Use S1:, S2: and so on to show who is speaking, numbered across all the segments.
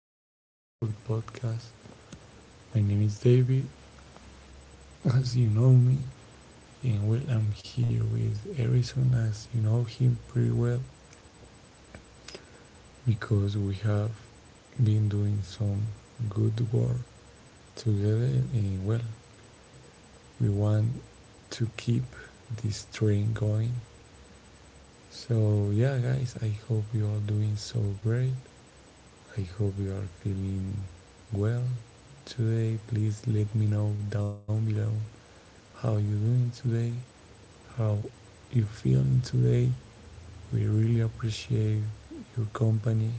S1: to our beautiful podcast. My name is David, as you know me, and well, I'm here with Harrison, as you know him pretty well, because we have been doing some good work together, and well, we want to keep this train going. So yeah guys, I hope you are doing so great. I hope you are feeling well today. Please let me know down below how you are doing today, how you are feeling today. We really appreciate your company.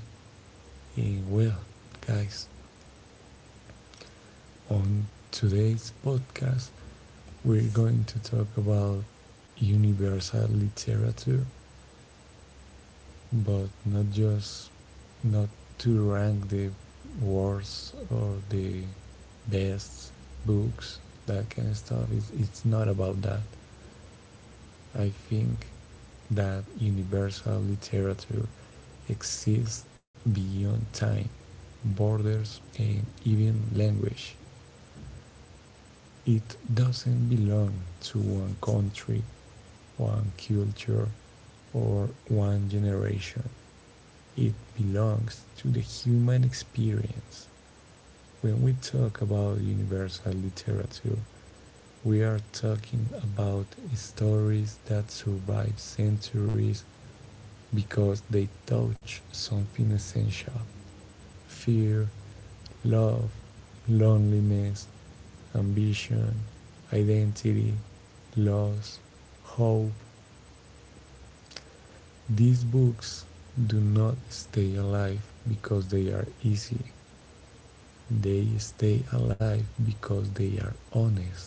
S1: And well, guys, on today's podcast, we're going to talk about universal literature, but not just, not to rank the worst or the best books, that kind of stuff. It's not about that. I think that universal literature exists beyond time, borders, and even language. It doesn't belong to one country, one culture, or one generation. It belongs to the human experience. When we talk about universal literature, we are talking about stories that survive centuries because they touch something essential: fear, love, loneliness, ambition, identity, loss, hope. These books do not stay alive because they are easy. They stay alive because they are honest.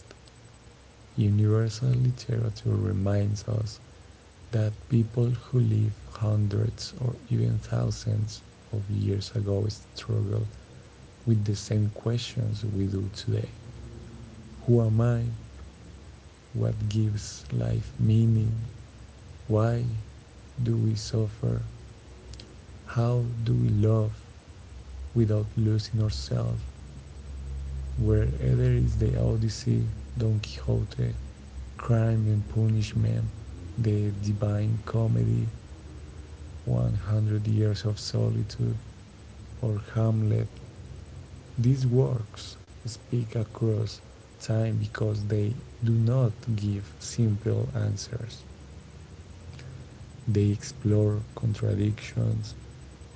S1: Universal literature reminds us that people who lived hundreds or even thousands of years ago struggled with the same questions we do today. Who am I? What gives life meaning? Why do we suffer? How do we love without losing ourselves? Wherever is the Odyssey, Don Quixote, Crime and Punishment, The Divine Comedy, 100 Years of Solitude, or Hamlet, these works speak across time because they do not give simple answers. They explore contradictions,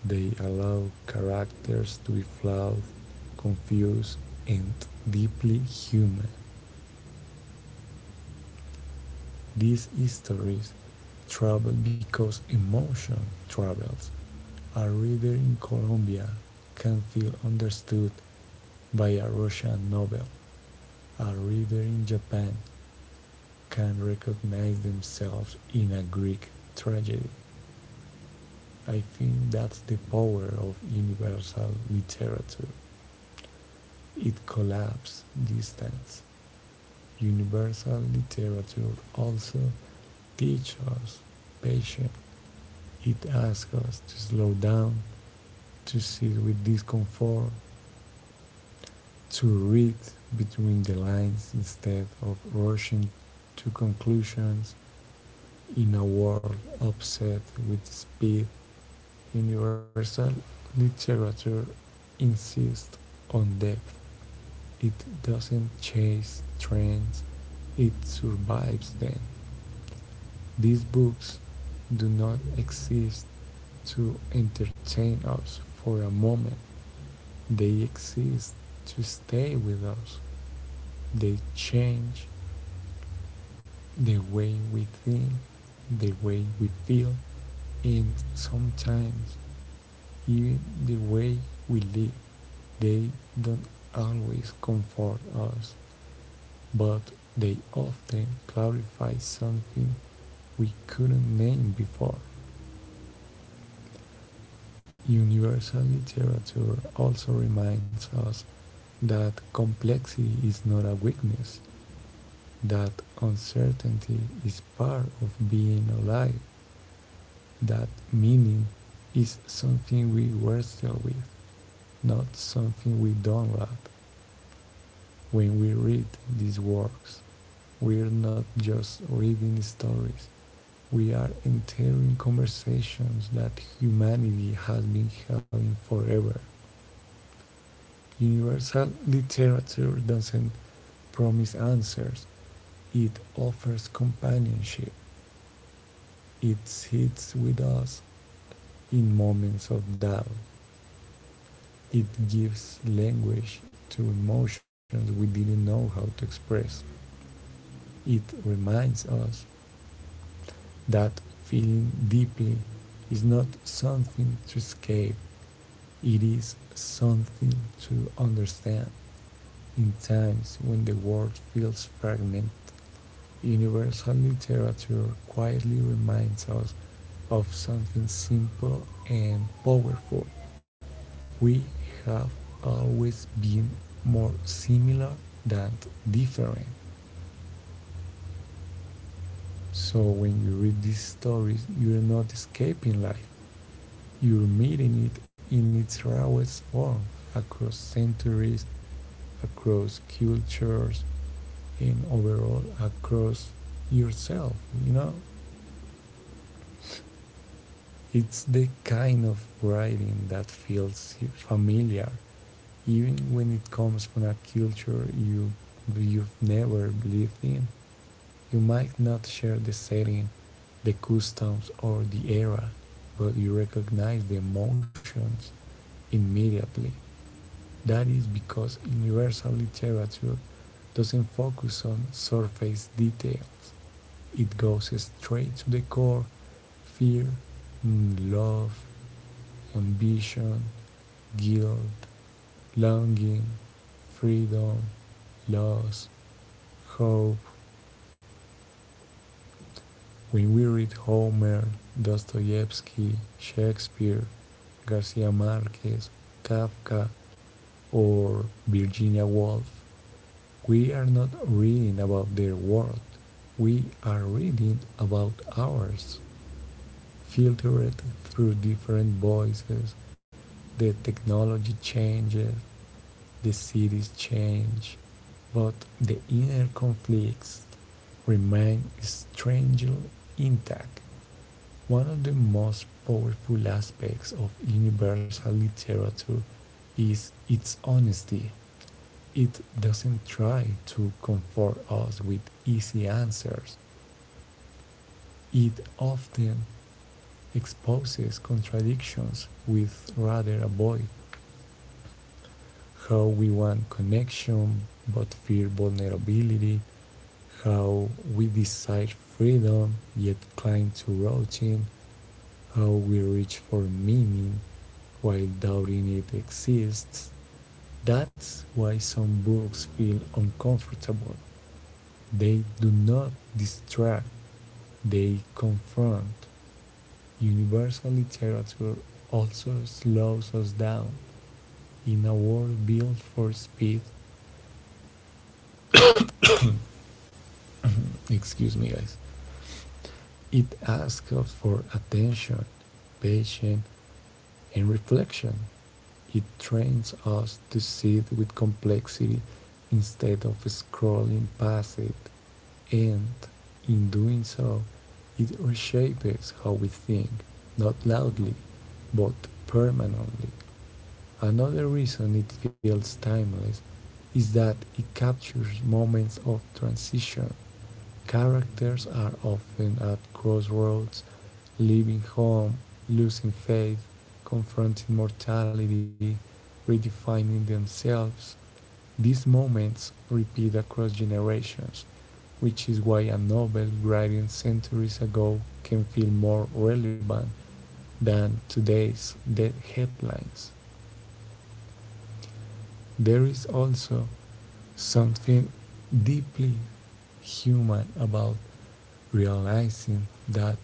S1: they allow characters to be flawed, confused, and deeply human. These stories travel because emotion travels. A reader in Colombia can feel understood by a Russian novel. A reader in Japan can recognize themselves in a Greek tragedy. I think that's the power of universal literature. It collapses distance. Universal literature also teaches us patience. It asks us to slow down, to sit with discomfort, to read between the lines instead of rushing to conclusions. In a world obsessed with speed, universal literature insists on depth. It doesn't chase trends, it survives them. These books do not exist to entertain us for a moment, they exist to stay with us. They change the way we think, the way we feel, and sometimes even the way we live. They don't always comfort us, but they often clarify something we couldn't name before. Universal literature also reminds us that complexity is not a weakness, that uncertainty is part of being alive, that meaning is something we wrestle with, not something we don't lack. When we read these works, we are not just reading stories, we are entering conversations that humanity has been having forever. Universal literature doesn't promise answers, it offers companionship. It sits with us in moments of doubt. It gives language to emotions we didn't know how to express. It reminds us that feeling deeply is not something to escape, it is something to understand. In times when the world feels fragmented, universal literature quietly reminds us of something simple and powerful. We have always been more similar than different. So when you read these stories, you're not escaping life. You're meeting it in its rawest form, across centuries, across cultures, and overall across yourself, you know? It's the kind of writing that feels familiar, even when it comes from a culture you've never lived in. You might not share the setting, the customs, or the era, but you recognize the emotions immediately. That is because universal literature doesn't focus on surface details. It goes straight to the core: fear, love, ambition, guilt, longing, freedom, loss, hope. When we read Homer, Dostoevsky, Shakespeare, Garcia Marquez, Kafka, or Virginia Woolf, we are not reading about their world, we are reading about ours, filtered through different voices. The technology changes, the cities change, but the inner conflicts remain strangely intact. One of the most powerful aspects of universal literature is its honesty. It doesn't try to comfort us with easy answers. It often exposes contradictions we'd rather avoid: how we want connection but fear vulnerability, how we desire freedom yet cling to routine, how we reach for meaning while doubting it exists. That's why some books feel uncomfortable. They do not distract, they confront. Universal literature also slows us down. In a world built for speed, excuse me, guys. It asks us for attention, patience, and reflection. It trains us to sit with complexity instead of scrolling past it, and in doing so, it reshapes how we think, not loudly, but permanently. Another reason it feels timeless is that it captures moments of transition. Characters are often at crossroads, leaving home, losing faith, confronting mortality, redefining themselves. These moments repeat across generations, which is why a novel written centuries ago can feel more relevant than today's dead headlines. There is also something deeply human about realizing that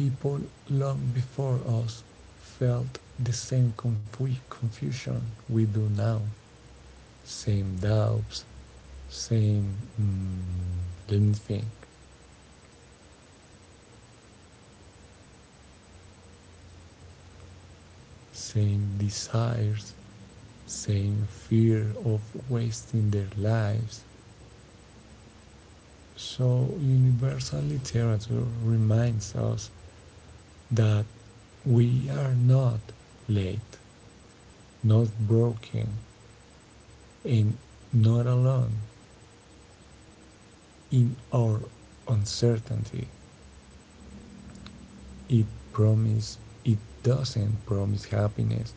S1: people long before us felt the same confusion we do now, same doubts, same mm, let me think, same desires, same fear of wasting their lives. So, universal literature reminds us that we are not late, not broken, and not alone in our uncertainty. It promises, it doesn't promise happiness,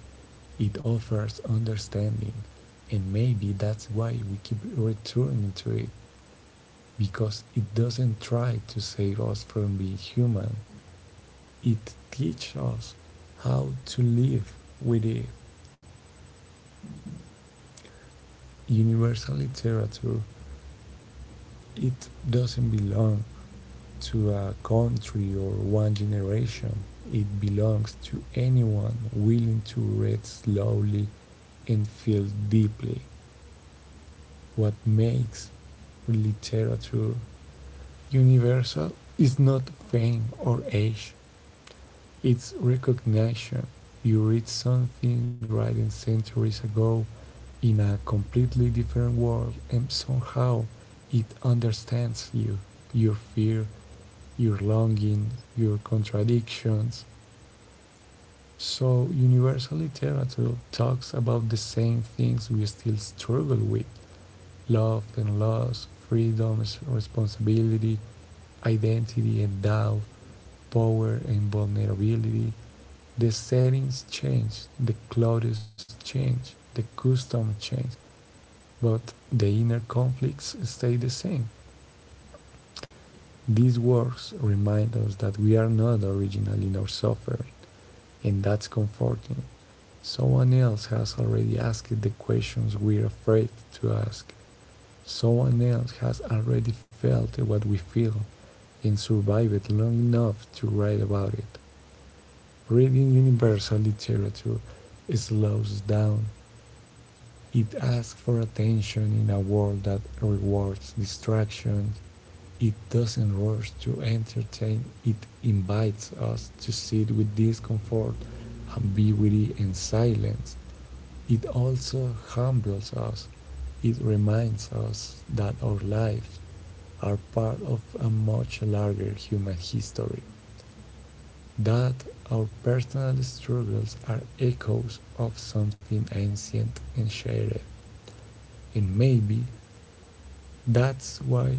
S1: it offers understanding, and maybe that's why we keep returning to it, because it doesn't try to save us from being human. It teaches us how to live with it. Universal literature, it doesn't belong to a country or one generation. It belongs to anyone willing to read slowly and feel deeply. What makes literature universal is not fame or age. It's recognition. You read something written centuries ago in a completely different world, and somehow it understands you, your fear, your longing, your contradictions. So, universal literature talks about the same things we still struggle with: love and loss, freedom, responsibility, identity and doubt, power and vulnerability. The settings change, the clothes change, the customs change, but the inner conflicts stay the same. These works remind us that we are not original in our suffering, and that's comforting. Someone else has already asked the questions we're afraid to ask. Someone else has already felt what we feel and survived long enough to write about it. Reading universal literature slows down, it asks for attention in a world that rewards distraction. It doesn't rush to entertain, it invites us to sit with discomfort, ambiguity, and silence. It also humbles us. It reminds us that our lives are part of a much larger human history, that our personal struggles are echoes of something ancient and shared. And maybe that's why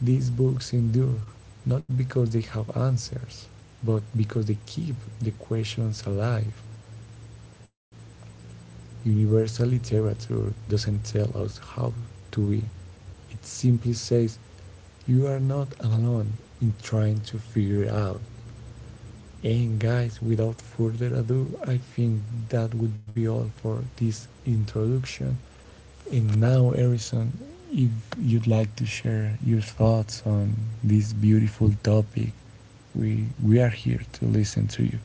S1: these books endure, not because they have answers, but because they keep the questions alive. Universal literature doesn't tell us how to be, it simply says, "You are not alone in trying to figure it out." And guys, without further ado, I think that would be all for this introduction. And now, Erison, if you'd like to share your thoughts on this beautiful topic, we are here to listen to you.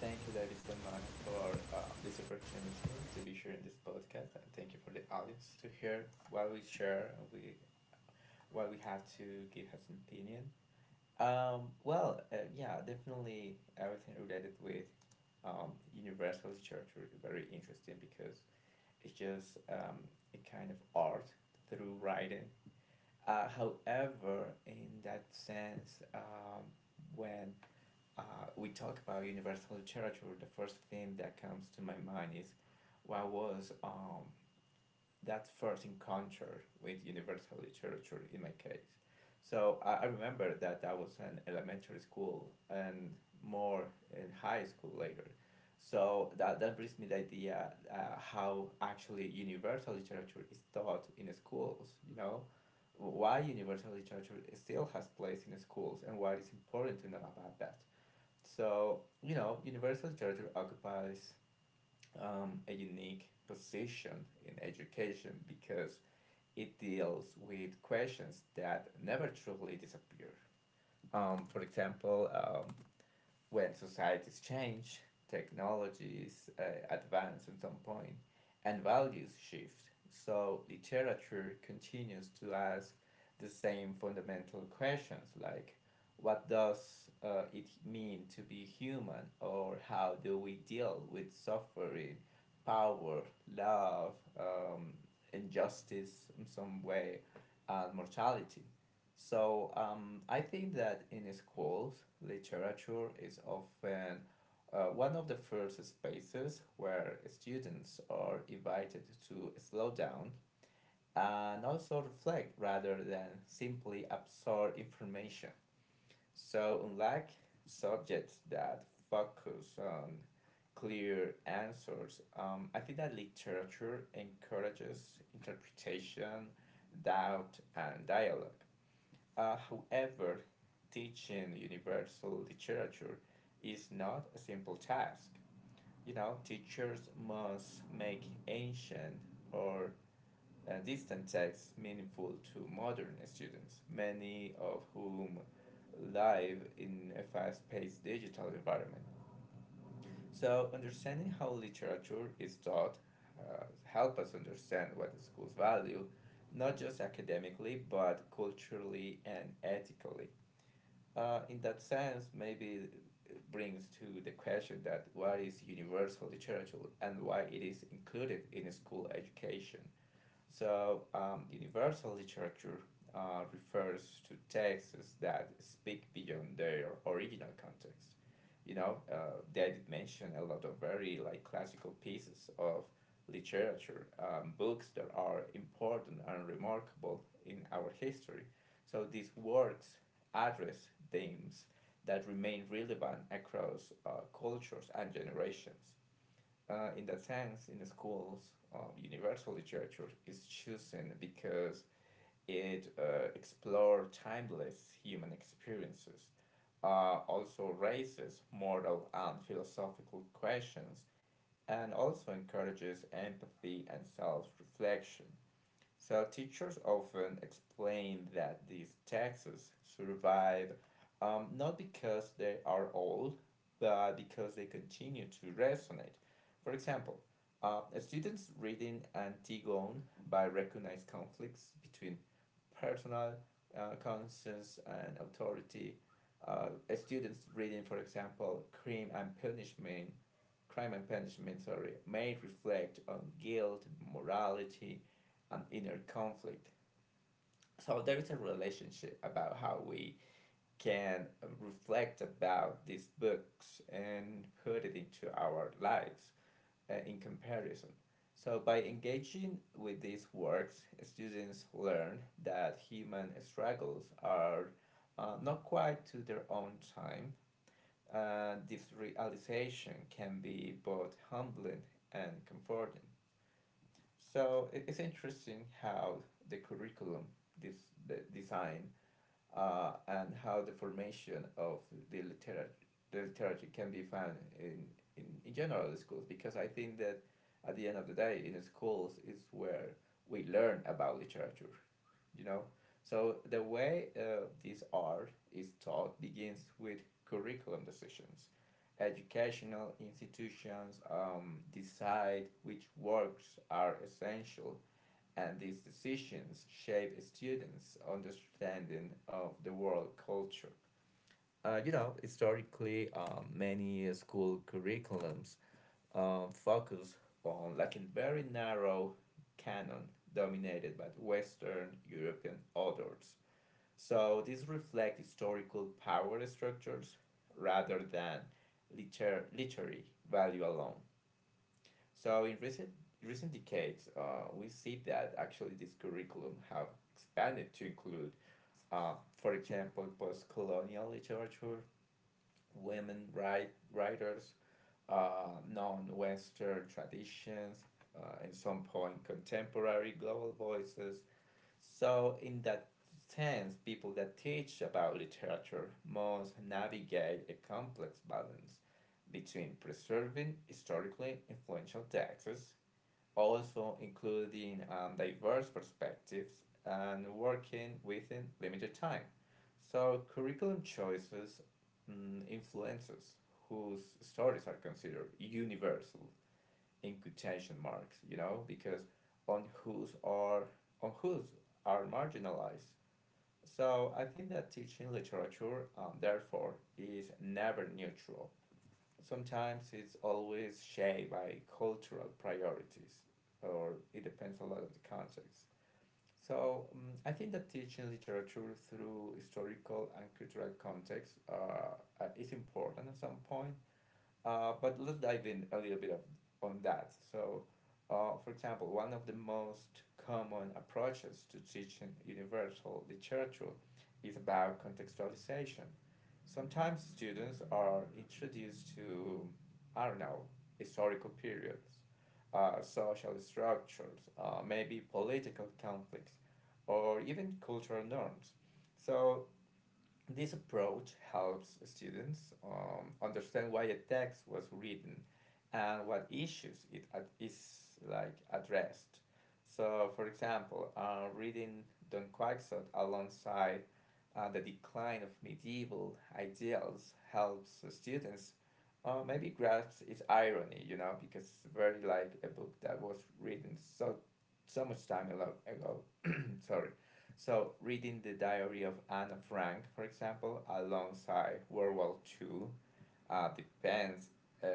S2: Thank you, David, so much for this opportunity to be sharing this podcast, and thank you for the audience to hear while we share. We what we have to give us an opinion. Definitely everything related with universal literature is very interesting because it's just a kind of art through writing. However, in that sense, when uh, we talk about universal literature. The first thing that comes to my mind is what was that first encounter with universal literature in my case. So I remember that that was an elementary school and more in high school later. So that brings me the idea how actually universal literature is taught in schools, you know, why universal literature still has place in schools and what is important to know about that. So, you know, Universal Charter occupies a unique position in education because it deals with questions that never truly disappear. For example, when societies change, technologies advance at some point, and values shift. So literature continues to ask the same fundamental questions, like what does it mean to be human, or how do we deal with suffering, power, love, um, injustice in some way, and mortality. So I think that in schools, literature is often one of the first spaces where students are invited to slow down and also reflect rather than simply absorb information. So, unlike subjects that focus on clear answers, I think that literature encourages interpretation, doubt, and dialogue. However, teaching universal literature is not a simple task. You know, teachers must make ancient or distant texts meaningful to modern students, many of whom live in a fast paced digital environment. So, understanding how literature is taught help us understand what the schools value, not just academically, but culturally and ethically. In that sense, maybe it brings to the question that what is universal the church and why it is included in school education. So, universal literature refers to texts that speak beyond their original context. You know, David mentioned a lot of very like classical pieces of literature, books that are important and remarkable in our history. So these works address themes that remain relevant across cultures and generations. In that sense, in the schools of universal literature is chosen because it explores timeless human experiences, also raises moral and philosophical questions, and also encourages empathy and self reflection. So teachers often explain that these texts survive not because they are old, but because they continue to resonate. For example, students reading Antigone by recognize conflicts between personal conscience and authority. Uh, students reading, for example, Crime and Punishment, sorry, may reflect on guilt, morality, an inner conflict. So there is a relationship about how we can reflect about these books and put it into our lives in comparison. So by engaging with these works, students learn that human struggles are not quite to their own time. This realization can be both humbling and comforting. So it's interesting how the curriculum this the design and how the formation of the literature the literature can be found in general schools, because I think that at the end of the day in schools is where we learn about literature, you know. So the way this art is taught begins with curriculum decisions. Educational institutions decide which works are essential, and these decisions shape students' understanding of the world culture. You know, historically, many school curriculums focus on like a very narrow canon dominated by the Western European authors. So these reflect historical power structures rather than literary value alone. So in recent decades, we see that actually this curriculum have expanded to include, uh, for example, post-colonial literature, women right writers, non-Western traditions, at some point contemporary global voices. So in that sense, people that teach about literature must navigate a complex balance between preserving historically influential texts, also including diverse perspectives, and working within limited time. So, curriculum choices influences whose stories are considered universal in quotation marks, you know, because on whose are on whose are marginalized. So I think that teaching literature, therefore, is never neutral. Sometimes it's always shaped by cultural priorities, or it depends a lot of the context. So I think that teaching literature through historical and cultural context is important at some point, but let's dive in a little bit on that. So, for example, one of the most common approaches to teaching universal literature is about contextualization. Sometimes students are introduced to, I don't know, historical periods, social structures, maybe political conflicts, or even cultural norms. So this approach helps students understand why a text was written and what issues is like addressed. So, for example, reading Don Quixote alongside the decline of medieval ideals helps students maybe grasp its irony, you know, because it's very like a book that was written so so much time ago, sorry. So reading the diary of Anne Frank, for example, alongside World War Two, depends uh,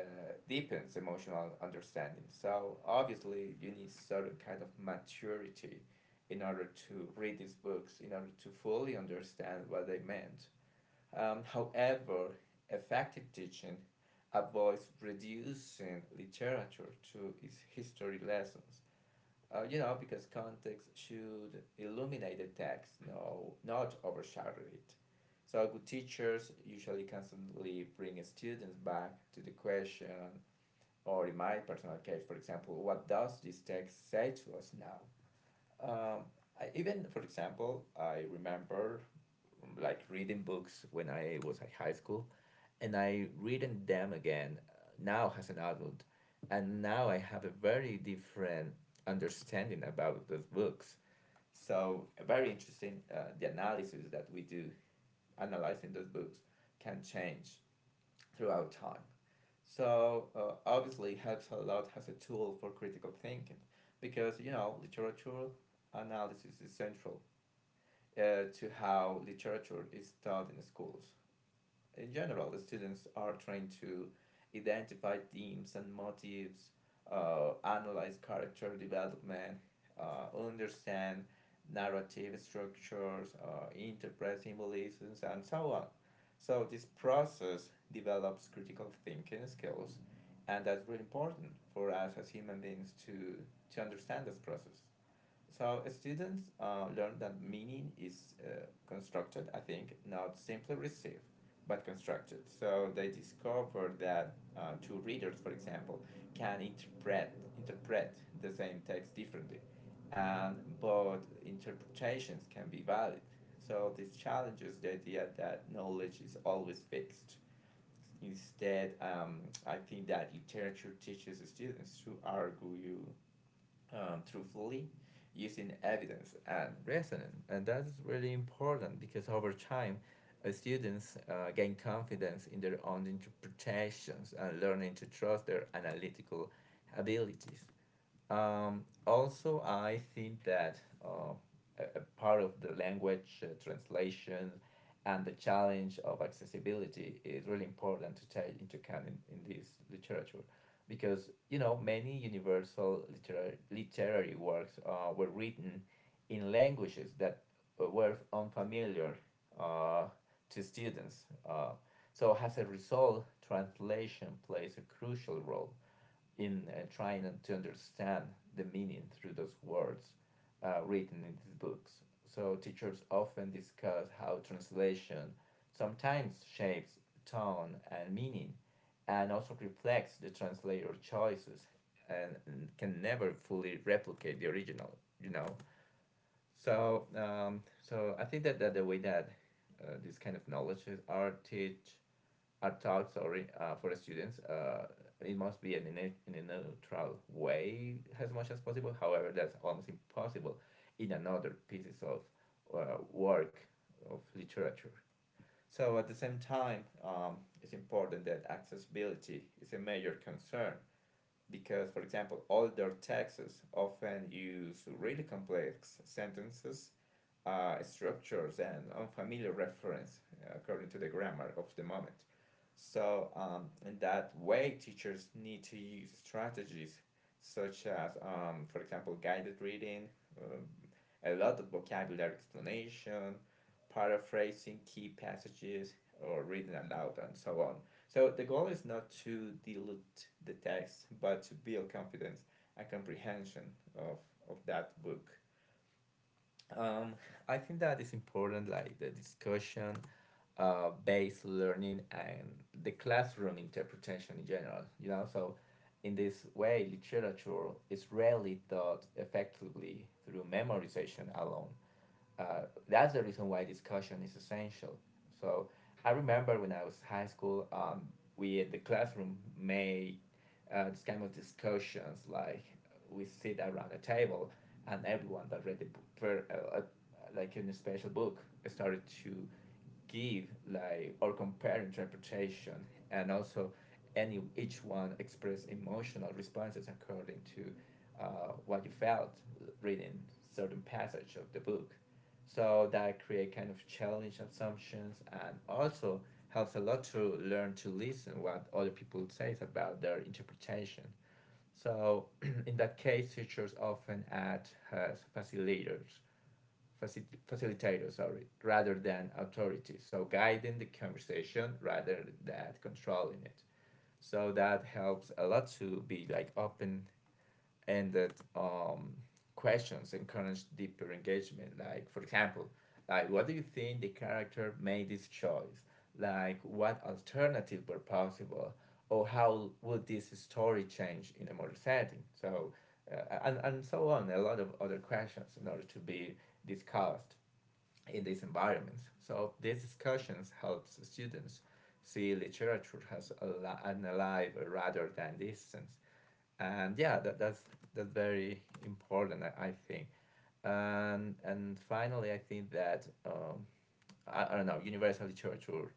S2: deepens emotional understanding. So obviously you need certain kind of maturity in order to read these books, in order to fully understand what they meant. However, effective teaching avoids reducing literature to its history lessons. You know, because context should illuminate the text, no, not overshadow it. So good teachers usually constantly bring students back to the question, or in my personal case, for example, what does this text say to us now? Um, I, even for example, I remember like reading books when I was at high school, and I reading them again, now as an adult, and now I have a very different understanding about those books. So very interesting. The analysis that we do analyzing those books can change throughout time. So obviously helps a lot as a tool for critical thinking, because you know literature analysis is central to how literature is taught in schools. In general, the students are trying to identify themes and motives, analyze character development, understand narrative structures, interpret symbolisms, and so on. So this process develops critical thinking skills, and that's really important for us as human beings to understand this process. So students learn that meaning is constructed, I think, not simply received, but constructed. So they discover that two readers, for example, can interpret the same text differently, and both interpretations can be valid. So this challenges the idea that knowledge is always fixed. Instead, I think that literature teaches students to argue truthfully using evidence and resonance. And that's really important because over time, students gain confidence in their own interpretations and learning to trust their analytical abilities. Also, I think that uh, a part of the language translation and the challenge of accessibility is really important to take into account in this literature, because you know many universal literary works were written in languages that were unfamiliar uh, to students. So as a result, translation plays a crucial role in trying to understand the meaning through those words written in these books. So teachers often discuss how translation sometimes shapes tone and meaning, and also reflects the translator choices, and can never fully replicate the original. You know, so so I think that the way that these kind of knowledges are teach are taught, sorry, for students, it must be in in a neutral way as much as possible. However, that's almost impossible in another pieces of work of literature. So at the same time, it's important that accessibility is a major concern because, for example, older texts often use really complex sentences, structures, and unfamiliar reference according to the grammar of the moment. So, in that way, teachers need to use strategies such as, for example, guided reading, um, a lot of vocabulary explanation, paraphrasing key passages, or reading aloud, and so on. So the goal is not to dilute the text, but to build confidence and comprehension of, of that book. Um, I think that is important, like the discussion based learning and the classroom interpretation in general, you know. So in this way, literature is rarely taught effectively through memorization alone, uh, that's the reason why discussion is essential. So I remember when I was high school, we in the classroom made this kind of discussions. Like we sit around a table, and everyone that read the book, like in a special book, started to give like or compare interpretation, and also any each one express emotional responses according to what you felt reading certain passage of the book. So that create kind of challenge assumptions, and also helps a lot to learn to listen what other people says about their interpretation. So in that case, teachers often act as facilitators, facilitators, sorry, rather than authority, so guiding the conversation rather than controlling it. So that helps a lot to be like open-ended um, questions, encourage deeper engagement. Like for example, like what do you think the character made this choice? Like what alternatives were possible? Or how would this story change in a modern setting? So uh, and so on, a lot of other questions in order to be discussed in these environments. So these discussions helps students see literature as an alive rather than distance. And yeah, that's that's very important, I think. And finally, I think that I don't know, universal literature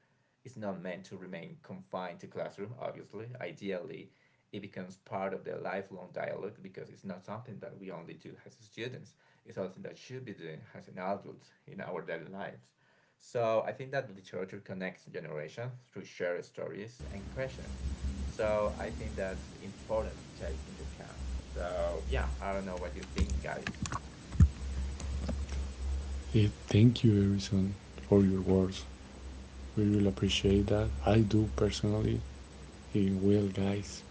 S2: is not meant to remain confined to classroom, obviously. Ideally, it becomes part of the lifelong dialogue, because it's not something that we only do as students. It's something that should be doing as an adult in our daily lives. So I think that literature connects generations through shared stories and questions. So I think that's important to take into account. So yeah, I don't know what you think, guys.
S1: Yeah, thank you, Harrison, for your words. We really appreciate that. I do personally. Eh, well, guys,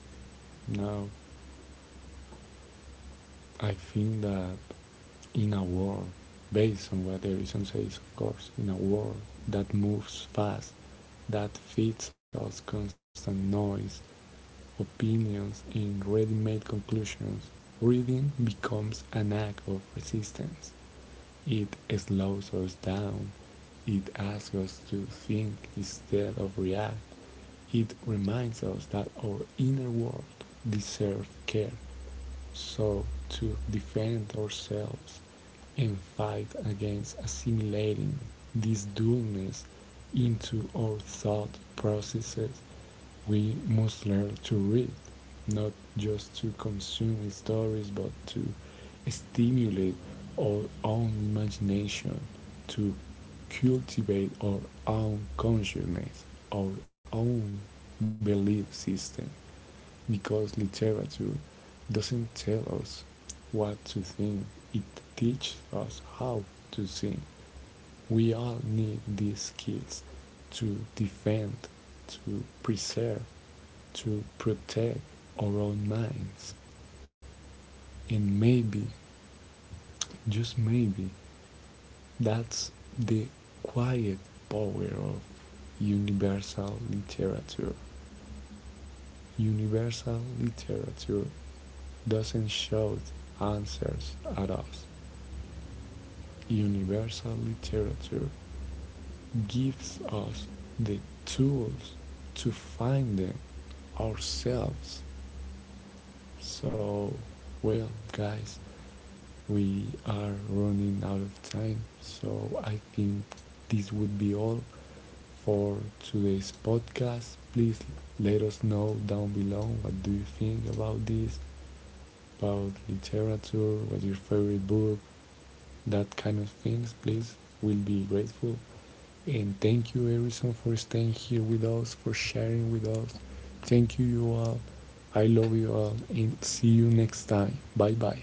S1: now I think that in a world, based on what Harrison says, of course, in a world that moves fast, that feeds us constant noise, opinions in ready-made conclusions, reading becomes an act of resistance. It slows us down. It asks us to think instead of react. It reminds us that our inner world deserves care, so to defend ourselves and fight against assimilating this dualness into our thought processes, we must learn to read, not just to consume stories, but to stimulate our own imagination, to cultivate our own consciousness, our own belief system, because literature doesn't tell us what to think, it teaches us how to think. We all need these skills to defend, to preserve, to protect our own minds. And maybe, just maybe, that's the quiet power of universal literature. Universal literature doesn't shout answers at us. Universal literature gives us the tools to find them ourselves. So, well, guys, we are running out of time, so I think this would be all for today's podcast. Please let us know down below what do you think about this, about literature, what's your favorite book, that kind of things, please. We'll be grateful. And thank you, everyone, for staying here with us, for sharing with us. Thank you, you all. I love you all, and see you next time. Bye bye.